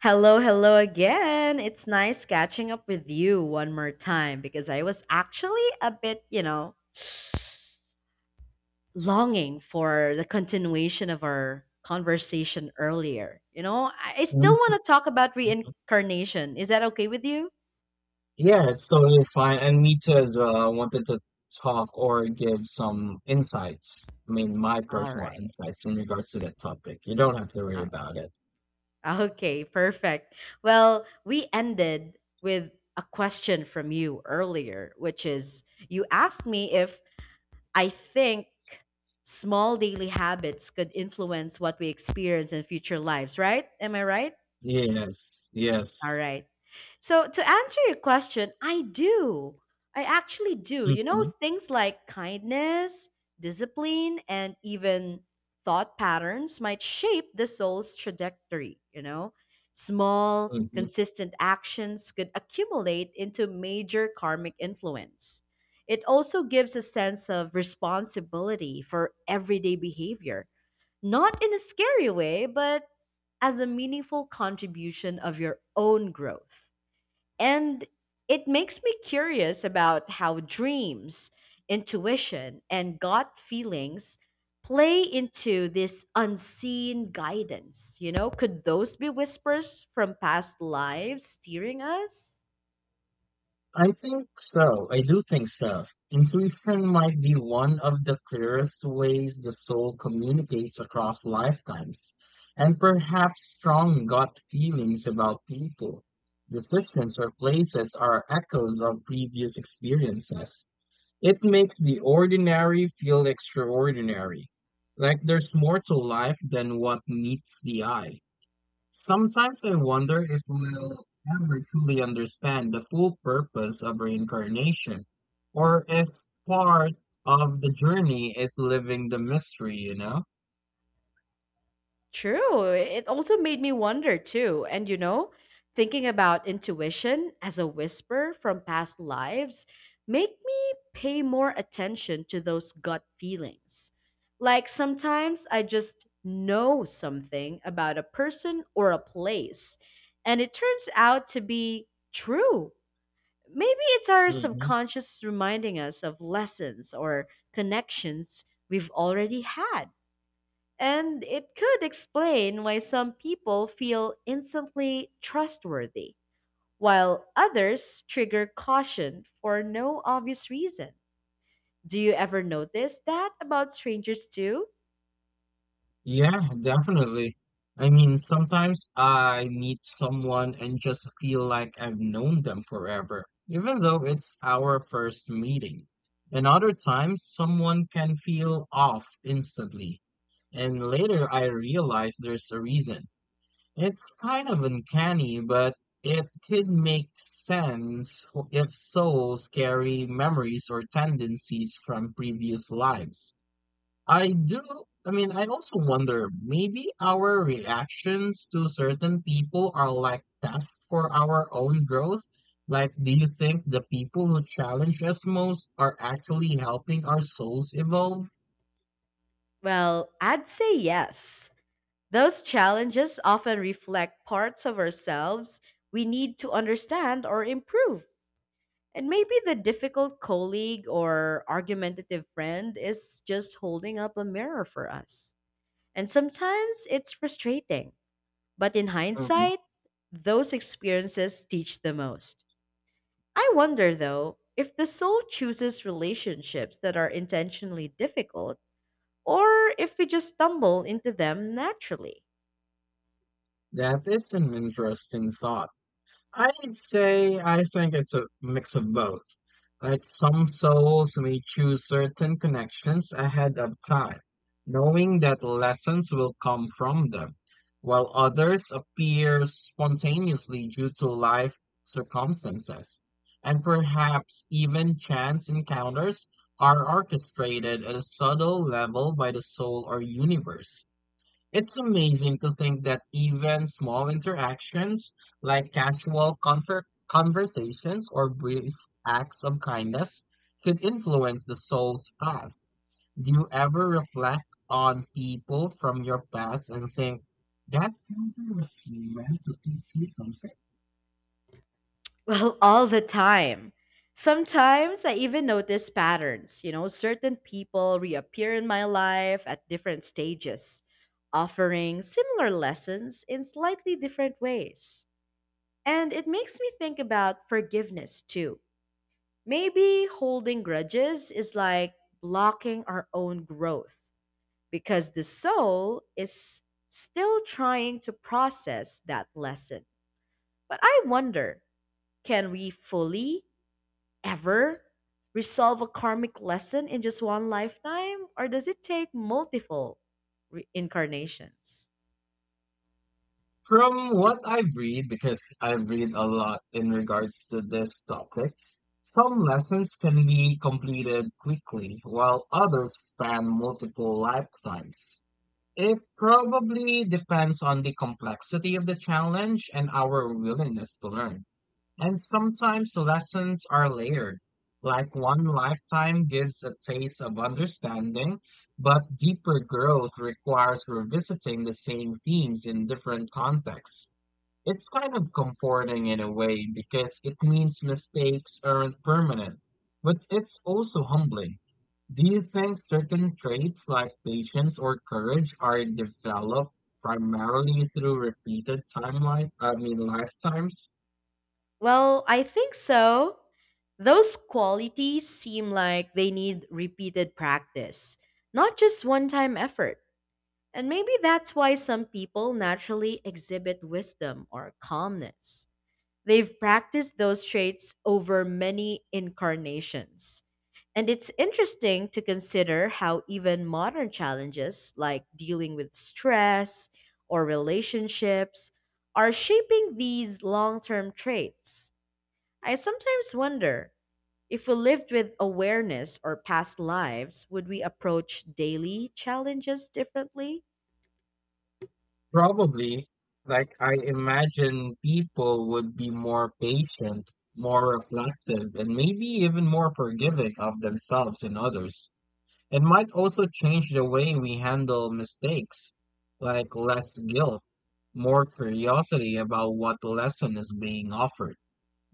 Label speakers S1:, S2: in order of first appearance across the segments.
S1: Hello, hello again. It's nice catching up with you one more time because I was actually a bit, longing for the continuation of our conversation earlier. I
S2: Me
S1: still
S2: too.
S1: want to talk about
S2: Me too.
S1: reincarnation. Is that okay with you?
S2: Yeah, it's totally fine. And me too as well. I wanted to talk or give some insights. I mean, my
S1: All
S2: personal
S1: right.
S2: insights in regards to that topic. You don't have to worry
S1: O-
S2: about it.
S1: Okay, perfect. Well, we ended with a question from you earlier, which is you asked me if I think small daily habits could influence what we experience in future lives, right? Am I right?
S2: Yes,
S1: All
S2: yes.
S1: right. So to answer your question, I do. I actually do. You know,
S2: Hmm.
S1: things like kindness, discipline, and even thought patterns might shape the soul's trajectory, you know? Small,
S2: Hmm.
S1: consistent actions could accumulate into major karmic influence. It also gives a sense of responsibility for everyday behavior, not in a scary way, but as a meaningful contribution of your own growth. And it makes me curious about how dreams, intuition, and gut feelings play into this unseen guidance. You know, could those be whispers from past lives steering us?
S2: I think so. I do think so. Intuition might be one of the clearest ways the soul communicates across lifetimes, and perhaps strong gut feelings about people, decisions, or places are echoes of previous experiences. It makes the ordinary feel extraordinary, like there's more to life than what meets the eye. Sometimes I wonder if we'll ever truly understand the full purpose of reincarnation, or if part of the journey is living the mystery, you know?
S1: True. It also made me wonder too. And you know, thinking about intuition as a whisper from past lives make me pay more attention to those gut feelings. Like sometimes I just know something about a person or a place and it turns out to be true. Maybe it's our
S2: Hmm.
S1: subconscious reminding us of lessons or connections we've already had. And it could explain why some people feel instantly trustworthy, while others trigger caution for no obvious reason. Do you ever notice that about strangers too?
S2: Yeah, definitely. I mean, sometimes I meet someone and just feel like I've known them forever, even though it's our first meeting. And other times, someone can feel off instantly. And later I realize there's a reason. It's kind of uncanny, but it could make sense if souls carry memories or tendencies from previous lives. I do, I mean, I also wonder maybe our reactions to certain people are like tests for our own growth. Like, do you think the people who challenge us most are actually helping our souls evolve?
S1: Well, I'd say yes. Those challenges often reflect parts of ourselves we need to understand or improve. And maybe the difficult colleague or argumentative friend is just holding up a mirror for us. And sometimes it's frustrating, but in
S2: Mhm.
S1: hindsight, those experiences teach the most. I wonder though if the soul chooses relationships that are intentionally difficult or if we just stumble into them naturally.
S2: That is an interesting thought. I'd say I think it's a mix of both. Like some souls may choose certain connections ahead of time, knowing that lessons will come from them, while others appear spontaneously due to life circumstances. And perhaps even chance encounters are orchestrated at a subtle level by the soul or universe. It's amazing to think that even small interactions like casual conversations or brief acts of kindness could influence the soul's path. Do you ever reflect on people from your past and think that counter was meant to teach me something?
S1: Well, all the time. Sometimes I even notice patterns. You know, certain people reappear in my life at different stages, offering similar lessons in slightly different ways. And it makes me think about forgiveness too. Maybe holding grudges is like blocking our own growth because the soul is still trying to process that lesson. But I wonder, can we fully ever resolve a karmic lesson in just one lifetime, or does it take multiple reincarnations?
S2: From what I've read, because I've read a lot in regards to this topic, some lessons can be completed quickly, while others span multiple lifetimes. It probably depends on the complexity of the challenge and our willingness to learn. And sometimes lessons are layered, like one lifetime gives a taste of understanding, but deeper growth requires revisiting the same themes in different contexts. It's kind of comforting in a way because it means mistakes aren't permanent, but it's also humbling. Do you think certain traits like patience or courage are developed primarily through repeated timeline, I mean lifetimes?
S1: Well, I think so. Those qualities seem like they need repeated practice, not just one time effort. And maybe that's why some people naturally exhibit wisdom or calmness. They've practiced those traits over many incarnations. And it's interesting to consider how even modern challenges like dealing with stress or relationships are shaping these long term traits. I sometimes wonder if we lived with awareness or past lives, would we approach daily challenges differently?
S2: Probably. Like I imagine people would be more patient, more reflective, and maybe even more forgiving of themselves and others. It might also change the way we handle mistakes, like less guilt, more curiosity about what lesson is being offered.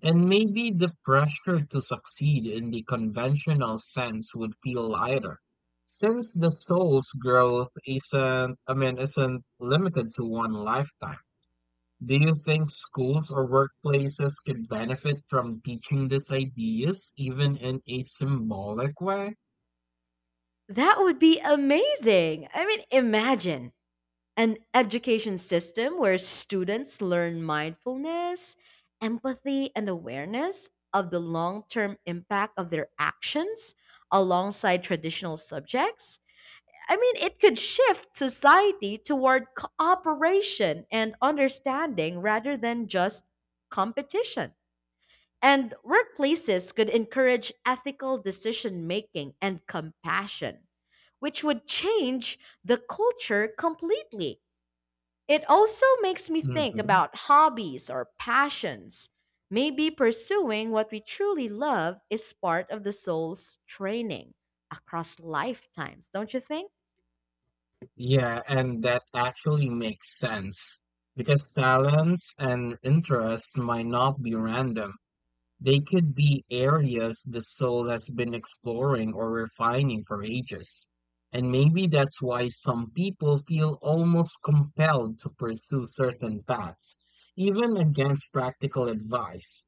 S2: And maybe the pressure to succeed in the conventional sense would feel lighter. Since the soul's growth isn't, I mean, isn't limited to one lifetime. Do you think schools or workplaces could benefit from teaching these ideas even in a symbolic way?
S1: That would be amazing. I mean, imagine an education system where students learn mindfulness, empathy, and awareness of the long term impact of their actions alongside traditional subjects. I mean, it could shift society toward cooperation and understanding rather than just competition. And workplaces could encourage ethical decision making and compassion, which would change the culture completely. It also makes me think
S2: Mhm.
S1: about hobbies or passions. Maybe pursuing what we truly love is part of the soul's training across lifetimes, don't you think?
S2: Yeah, and that actually makes sense because talents and interests might not be random. They could be areas the soul has been exploring or refining for ages. And maybe that's why some people feel almost compelled to pursue certain paths, even against practical advice.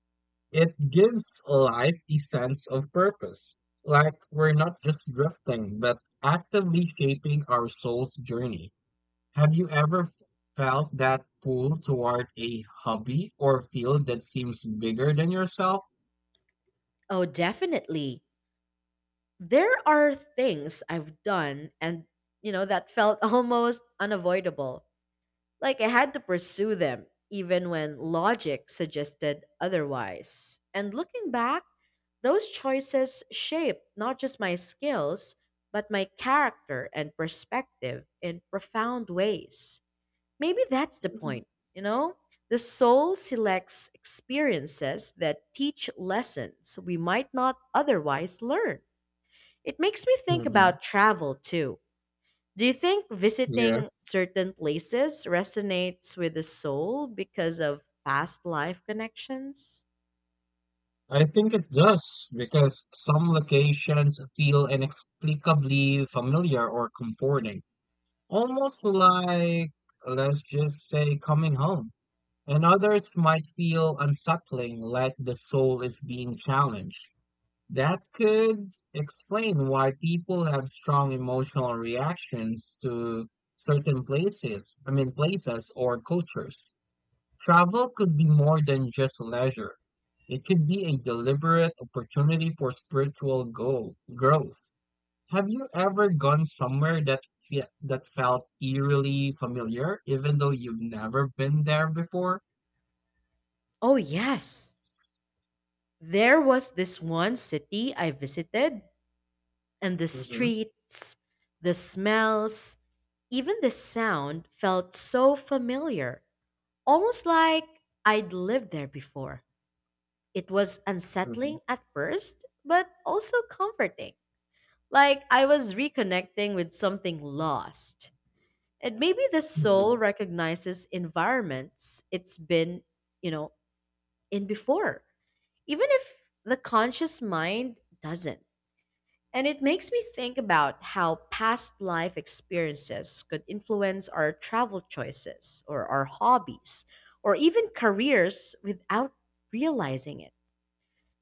S2: It gives life a sense of purpose. Like we're not just drifting, but actively shaping our soul's journey. Have you ever felt that pull toward a hobby or field that seems bigger than yourself?
S1: Oh, definitely. There are things I've done and, you know, that felt almost unavoidable. Like I had to pursue them, even when logic suggested otherwise. And looking back, those choices shaped not just my skills, but my character and perspective in profound ways. Maybe that's the point, you know? The soul selects experiences that teach lessons we might not otherwise learn. It makes me think
S2: Hmm.
S1: about travel too. Do you think
S2: Yeah,
S1: visiting certain places resonates with the soul because of past life connections?
S2: I think it does because some locations feel inexplicably familiar or comforting, almost like, let's just say, coming home. And others might feel unsettling, like the soul is being challenged. That could explain why people have strong emotional reactions to certain places, I mean, places or cultures. Travel could be more than just leisure. It could be a deliberate opportunity for spiritual goal, growth. Have you ever gone somewhere that that felt eerily familiar, even though you've never been there before?
S1: Oh, yes. There was this one city I visited, and the
S2: Hmm.
S1: streets, the smells, even the sound felt so familiar, almost like I'd lived there before. It was
S2: Hmm.
S1: unsettling at first, but also comforting. Like I was reconnecting with something lost. And maybe the soul
S2: Mhm.
S1: recognizes environments it's been, you know, in before, even if the conscious mind doesn't. And it makes me think about how past life experiences could influence our travel choices or our hobbies or even careers without realizing it.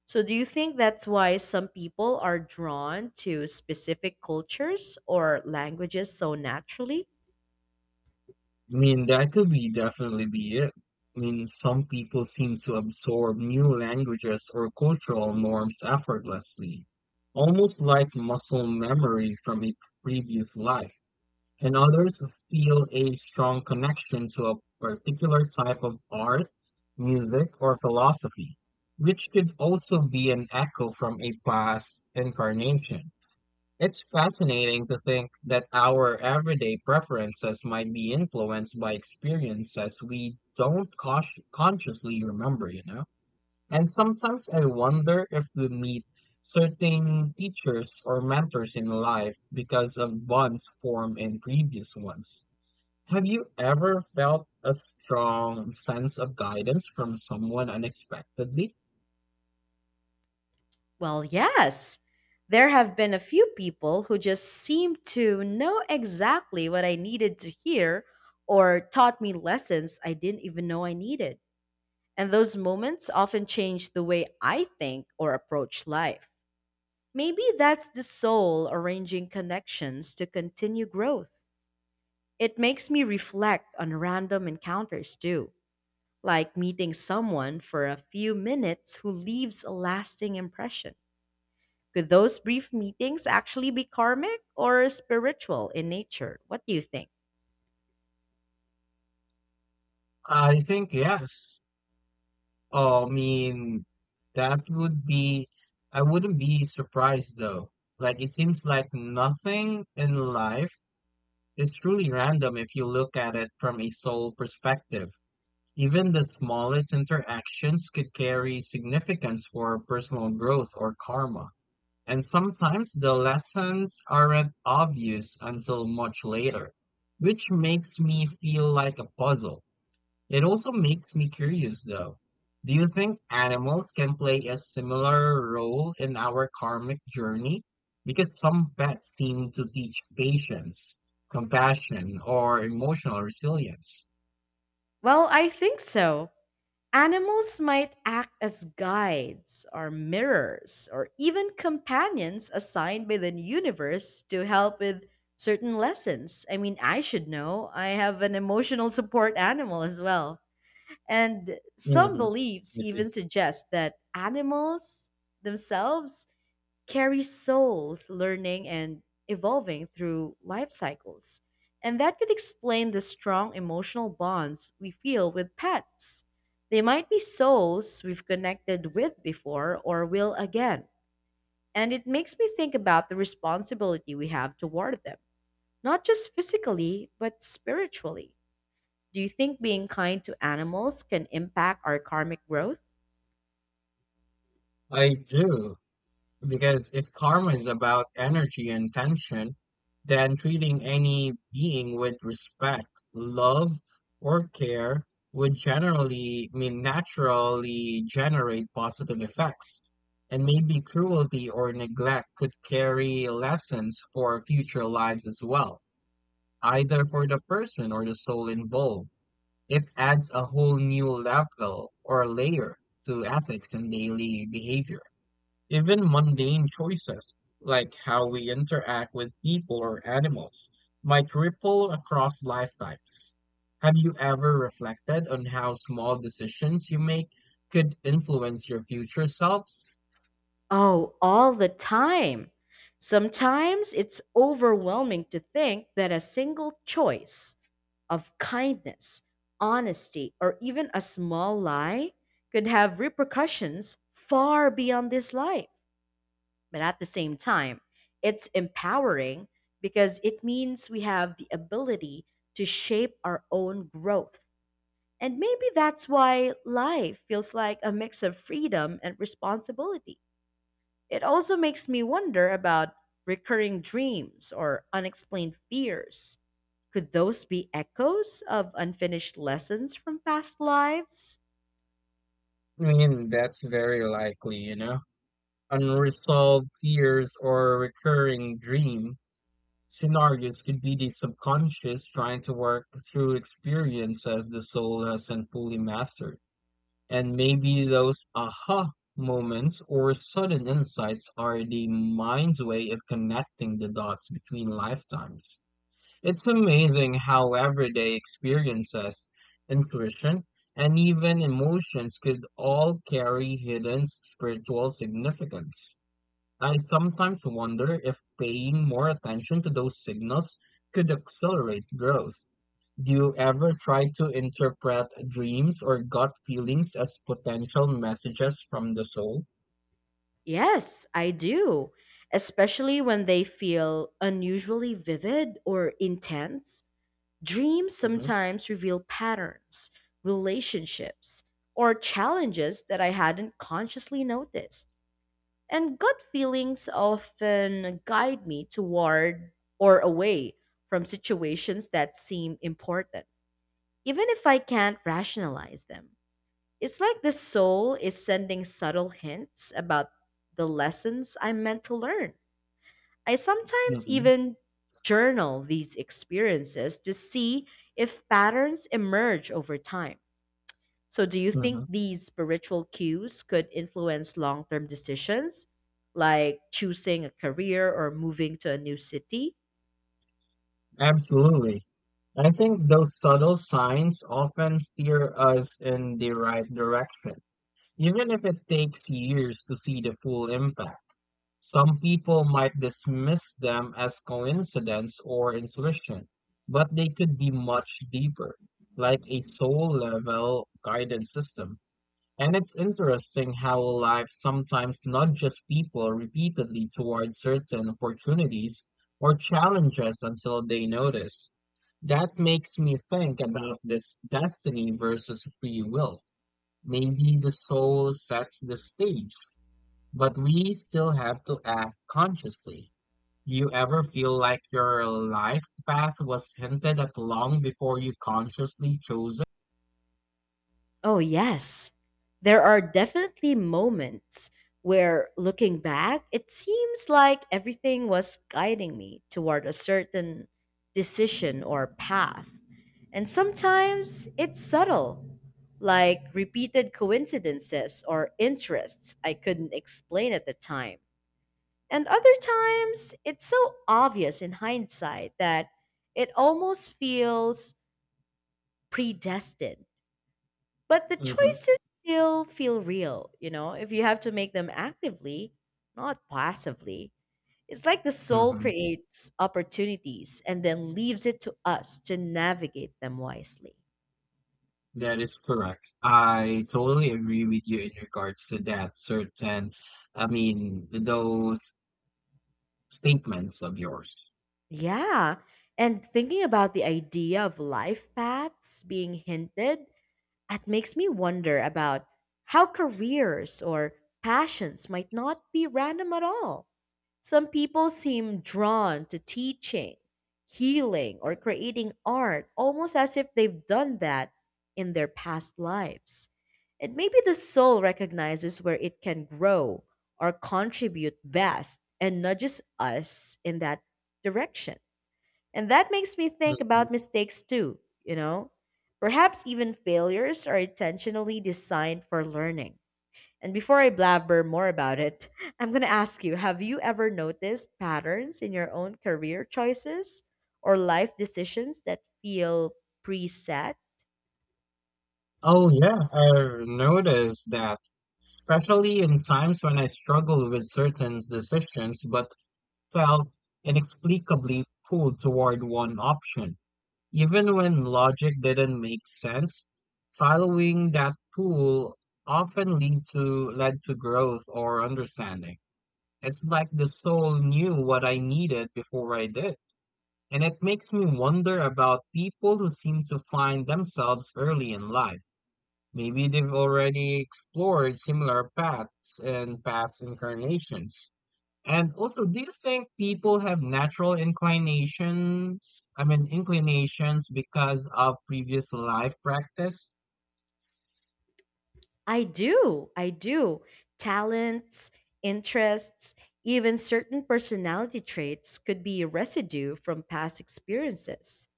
S1: So, do you think that's why some people are drawn to specific cultures or languages so naturally?
S2: I mean, that could be definitely be it. I mean, some people seem to absorb new languages or cultural norms effortlessly, almost like muscle memory from a previous life, and others feel a strong connection to a particular type of art, music, or philosophy, which could also be an echo from a past incarnation. It's fascinating to think that our everyday preferences might be influenced by experiences we don't consciously remember, you know? And sometimes I wonder if we meet certain teachers or mentors in life because of bonds formed in previous ones. Have you ever felt a strong sense of guidance from someone unexpectedly?
S1: Well, yes. There have been a few people who just seem to know exactly what I needed to hear or taught me lessons I didn't even know I needed. And those moments often change the way I think or approach life. Maybe that's the soul arranging connections to continue growth. It makes me reflect on random encounters too, like meeting someone for a few minutes who leaves a lasting impression. Could those brief meetings actually be karmic or spiritual in nature? What do you think?
S2: I think yes. Oh, I mean, that would be, I wouldn't be surprised though. Like, it seems like nothing in life is truly random if you look at it from a soul perspective. Even the smallest interactions could carry significance for personal growth or karma. And sometimes the lessons aren't obvious until much later, which makes me feel like a puzzle. It also makes me curious though. Do you think animals can play a similar role in our karmic journey? Because some pets seem to teach patience, compassion, or emotional resilience.
S1: Well, I think so. Animals might act as guides or mirrors or even companions assigned by the universe to help with certain lessons. I mean, I should know. I have an emotional support animal as well. And some
S2: Mhm.
S1: beliefs
S2: I see.
S1: even suggest that animals themselves carry souls learning and evolving through life cycles. And that could explain the strong emotional bonds we feel with pets. They might be souls we've connected with before or will again. And it makes me think about the responsibility we have toward them, not just physically, but spiritually. Do you think being kind to animals can impact our karmic growth?
S2: I do. Because if karma is about energy and tension, then treating any being with respect, love, or care would generally, I mean, naturally generate positive effects. And maybe cruelty or neglect could carry lessons for future lives as well, either for the person or the soul involved. It adds a whole new level or layer to ethics and daily behavior. Even mundane choices, like how we interact with people or animals, might ripple across lifetimes. Have you ever reflected on how small decisions you make could influence your future selves?
S1: Oh, all the time. Sometimes it's overwhelming to think that a single choice of kindness, honesty, or even a small lie could have repercussions far beyond this life. But at the same time, it's empowering because it means we have the ability to shape our own growth. And maybe that's why life feels like a mix of freedom and responsibility. It also makes me wonder about recurring dreams or unexplained fears. Could those be echoes of unfinished lessons from past lives?
S2: I mean, that's very likely, you know. Unresolved fears or recurring dream scenarios could be the subconscious trying to work through experiences the soul hasn't fully mastered. And maybe those aha moments or sudden insights are the mind's way of connecting the dots between lifetimes. It's amazing how everyday experiences, intuition, and even emotions could all carry hidden spiritual significance. I sometimes wonder if paying more attention to those signals could accelerate growth. Do you ever try to interpret dreams or gut feelings as potential messages from the soul?
S1: Yes, I do, especially when they feel unusually vivid or intense. Dreams
S2: Hmm.
S1: sometimes reveal patterns, relationships, or challenges that I hadn't consciously noticed. And gut feelings often guide me toward or away from situations that seem important, even if I can't rationalize them. It's like the soul is sending subtle hints about the lessons I'm meant to learn. I sometimes
S2: Hmm.
S1: even journal these experiences to see if patterns emerge over time. So, do you think
S2: Hmm.
S1: these spiritual cues could influence long term decisions like choosing a career or moving to a new city?
S2: Absolutely. I think those subtle signs often steer us in the right direction, even if it takes years to see the full impact. Some people might dismiss them as coincidence or intuition, but they could be much deeper, like a soul level guidance system. And it's interesting how life sometimes nudges people repeatedly toward certain opportunities or challenges until they notice. That makes me think about this destiny versus free will. Maybe the soul sets the stage, but we still have to act consciously. Do you ever feel like your life path was hinted at long before you consciously chose it?
S1: Oh, yes. There are definitely moments where looking back, it seems like everything was guiding me toward a certain decision or path. And sometimes it's subtle, like repeated coincidences or interests I couldn't explain at the time. And other times, it's so obvious in hindsight that it almost feels predestined. But the
S2: Hmm.
S1: choices still feel real, you know, if you have to make them actively, not passively. It's like the soul
S2: Hmm.
S1: creates opportunities and then leaves it to us to navigate them wisely.
S2: That is correct. I totally agree with you in regards to that certain, I mean, those statements of yours.
S1: Yeah. And thinking about the idea of life paths being hinted, it makes me wonder about how careers or passions might not be random at all. Some people seem drawn to teaching, healing, or creating art almost as if they've done that in their past lives. And maybe the soul recognizes where it can grow or contribute best and nudges us in that direction. And that makes me think
S2: Mhm.
S1: about mistakes too, you know? Perhaps even failures are intentionally designed for learning. And before I blabber more about it, I'm going to ask you, have you ever noticed patterns in your own career choices or life decisions that feel preset?
S2: Oh, yeah, I noticed that, especially in times when I struggled with certain decisions but felt inexplicably pulled toward one option. Even when logic didn't make sense, following that pull often lead to led to growth or understanding. It's like the soul knew what I needed before I did. And it makes me wonder about people who seem to find themselves early in life. Maybe they've already explored similar paths in past incarnations. And also, do you think people have natural inclinations? I mean, inclinations because of previous life practice?
S1: I do. I do. Talents, interests, even certain personality traits could be residue from past experiences.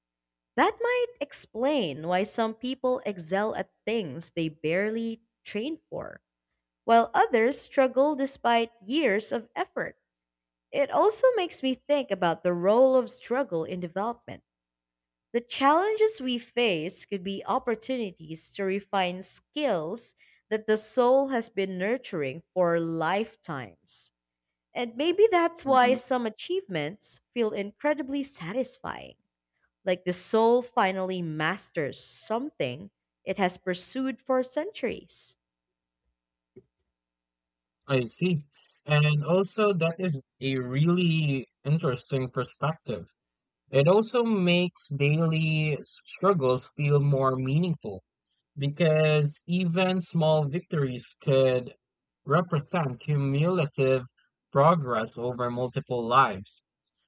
S1: That might explain why some people excel at things they barely train for, while others struggle despite years of effort. It also makes me think about the role of struggle in development. The challenges we face could be opportunities to refine skills that the soul has been nurturing for lifetimes. And maybe that's why
S2: Hmm.
S1: some achievements feel incredibly satisfying. Like the soul finally masters something it has pursued for centuries.
S2: I see. And also, that is a really interesting perspective. It also makes daily struggles feel more meaningful because even small victories could represent cumulative progress over multiple lives.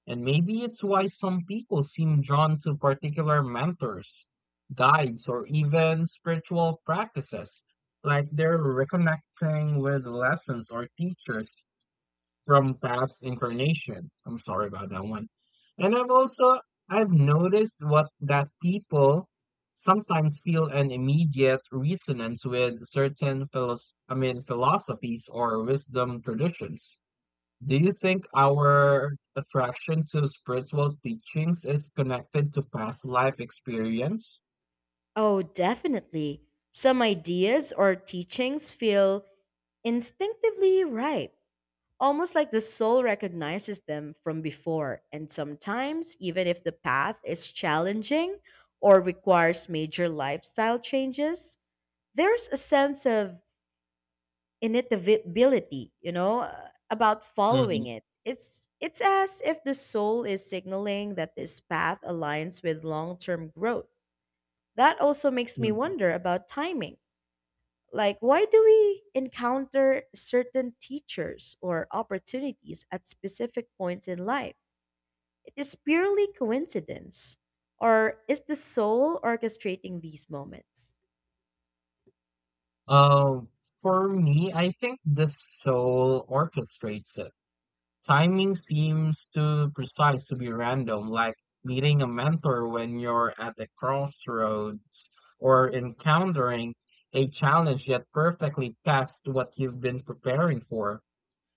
S2: And maybe it's why some people seem drawn to particular mentors, guides, or even spiritual practices, like they're reconnecting with lessons or teachers from past incarnations. I'm sorry about that one. And I've also I've noticed what that people sometimes feel an immediate resonance with certain I mean philosophies or wisdom traditions. Do you think our attraction to spiritual teachings is connected to past life experience?
S1: Oh, definitely. Some ideas or teachings feel instinctively right, almost like the soul recognizes them from before. And sometimes, even if the path is challenging or requires major lifestyle changes, there's a sense of inevitability, you know, about
S2: Hmm.
S1: following it. It's as if the soul is signaling that this path aligns with long-term growth. That also makes me wonder about timing. Like why do we encounter certain teachers or opportunities at specific points in life? It is purely coincidence. Or is the soul orchestrating these moments?
S2: Um, for me, I think the soul orchestrates it. Timing seems too precise to be random, like meeting a mentor when you're at a crossroads or encountering a challenge that perfectly tests what you've been preparing for.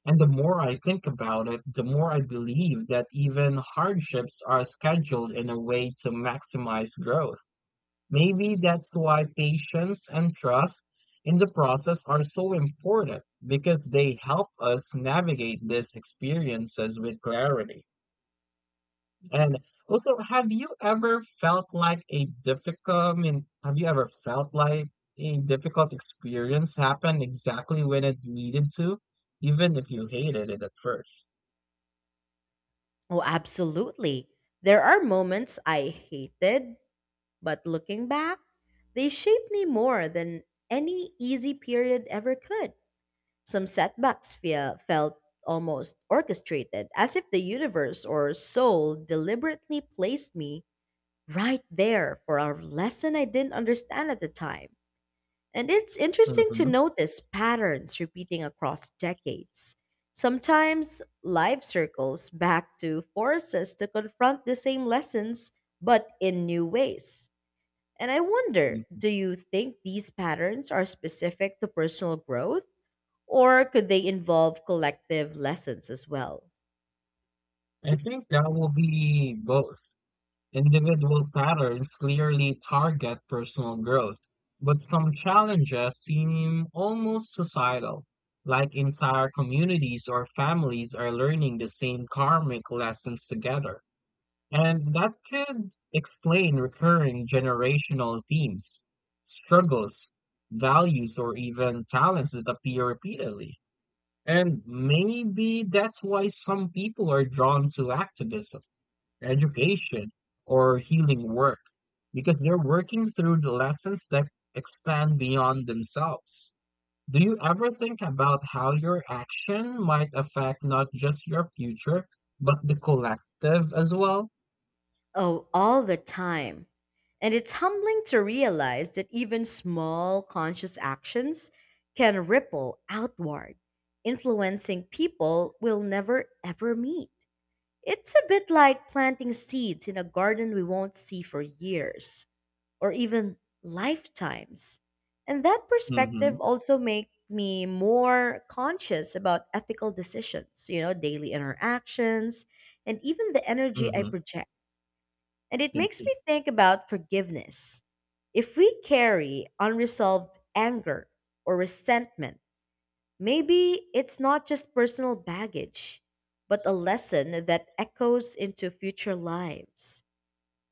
S2: And the more I think about it, the more I believe that even hardships are scheduled in a way to maximize growth. Maybe that's why patience and trust in the process are so important because they help us navigate these experiences with clarity. And also, have you ever felt like a difficult, I mean, have you ever felt like a difficult experience happened exactly when it needed to, even if you hated it at 1st?
S1: Oh, absolutely. There are moments I hated, but looking back, they shaped me more than any easy period ever could. Some setbacks felt almost orchestrated, as if the universe or soul deliberately placed me right there for a lesson I didn't understand at the time. And it's interesting to
S2: Hmm.
S1: notice patterns repeating across decades. Sometimes life circles back to force us to confront the same lessons, but in new ways. And I wonder, do you think these patterns are specific to personal growth, or could they involve collective lessons as well?
S2: I think that will be both. Individual patterns clearly target personal growth, but some challenges seem almost societal, like entire communities or families are learning the same karmic lessons together. And that could explain recurring generational themes, struggles, values, or even talents that appear repeatedly. And maybe that's why some people are drawn to activism, education, or healing work because they're working through the lessons that extend beyond themselves. Do you ever think about how your action might affect not just your future, but the collective as well?
S1: Oh, all the time. And it's humbling to realize that even small conscious actions can ripple outward, influencing people we'll never ever meet. It's a bit like planting seeds in a garden we won't see for years or even lifetimes. And that
S2: Mm-hmm.
S1: perspective also make me more conscious about ethical decisions, you know, daily interactions and even the energy I
S2: Mm-hmm.
S1: project. And it
S2: I
S1: makes
S2: see.
S1: me think about forgiveness. If we carry unresolved anger or resentment, maybe it's not just personal baggage, but a lesson that echoes into future lives.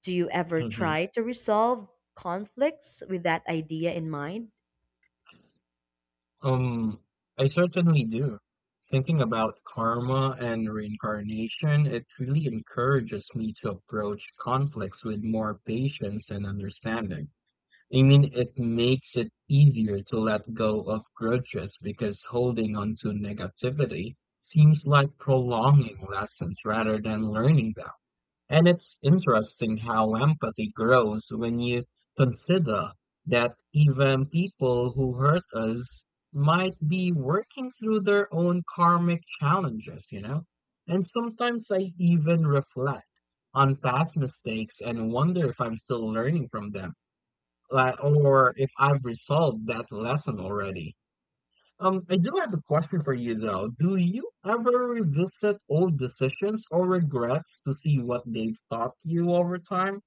S1: Do you ever
S2: Mm-hmm.
S1: try to resolve conflicts with that idea in mind?
S2: Um, I certainly do. Thinking about karma and reincarnation, it really encourages me to approach conflicts with more patience and understanding. I mean, it makes it easier to let go of grudges because holding on to negativity seems like prolonging lessons rather than learning them. And it's interesting how empathy grows when you consider that even people who hurt us might be working through their own karmic challenges, you know? And sometimes I even reflect on past mistakes and wonder if I'm still learning from them, like or if I've resolved that lesson already. I do have a question for you though. Do you ever revisit old decisions or regrets to see what they've taught you over time?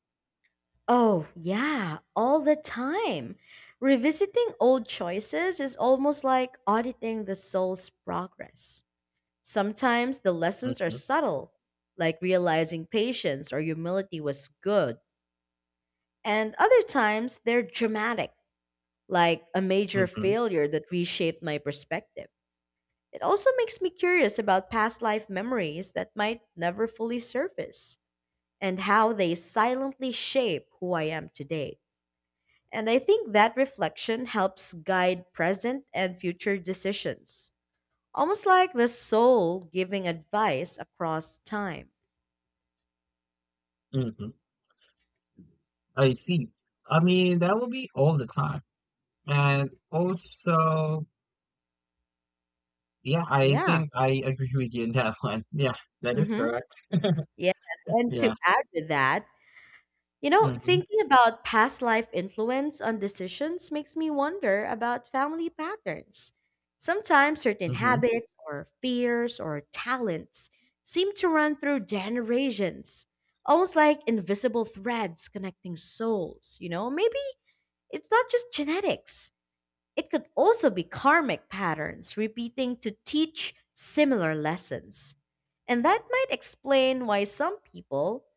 S1: Oh, yeah, all the time. Revisiting old choices is almost like auditing the soul's progress. Sometimes the lessons are
S2: Mm-hmm,
S1: subtle, like realizing patience or humility was good, and other times they're dramatic, like a major
S2: mm-hmm,
S1: failure that reshaped my perspective. It also makes me curious about past life memories that might never fully surface and how they silently shape who I am today. And I think that reflection helps guide present and future decisions, almost like the soul giving advice across time.
S2: mm-hmm. I see. I mean, that will be all the time. And also, yeah, I
S1: Yeah.
S2: think I agree with you in that one. Yeah, that is
S1: hmm
S2: correct.
S1: Yes. And to
S2: Yeah.
S1: add to that, you know,
S2: Mm-hmm,
S1: thinking about past life influence on decisions makes me wonder about family patterns. Sometimes certain
S2: mm-hmm,
S1: habits or fears or talents seem to run through generations, almost like invisible threads connecting souls, you know? Maybe it's not just genetics, it could also be karmic patterns repeating to teach similar lessons. And that might explain why some people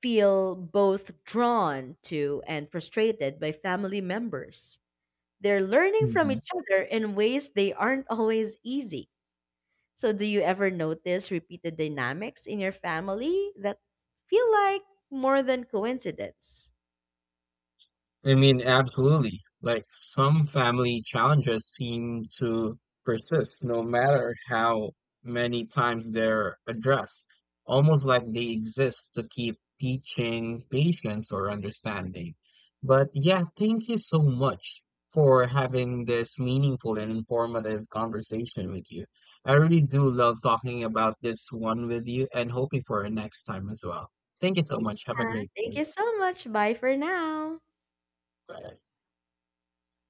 S1: feel both drawn to and frustrated by family members. They're learning from
S2: mm-hmm.
S1: each other in ways they aren't always easy. So, do you ever notice repeated dynamics in your family that feel like more than coincidence?
S2: I mean, absolutely. Like some family challenges seem to persist no matter how many times they're addressed, almost like they exist to keep teaching patience or understanding. But yeah, thank you so much for having this meaningful and informative conversation with you. I really do love talking about this one with you and hoping for a next time as well. Thank you so much. Have a
S1: Yeah,
S2: great
S1: thank
S2: day.
S1: you so much. Bye for now.
S2: Bye.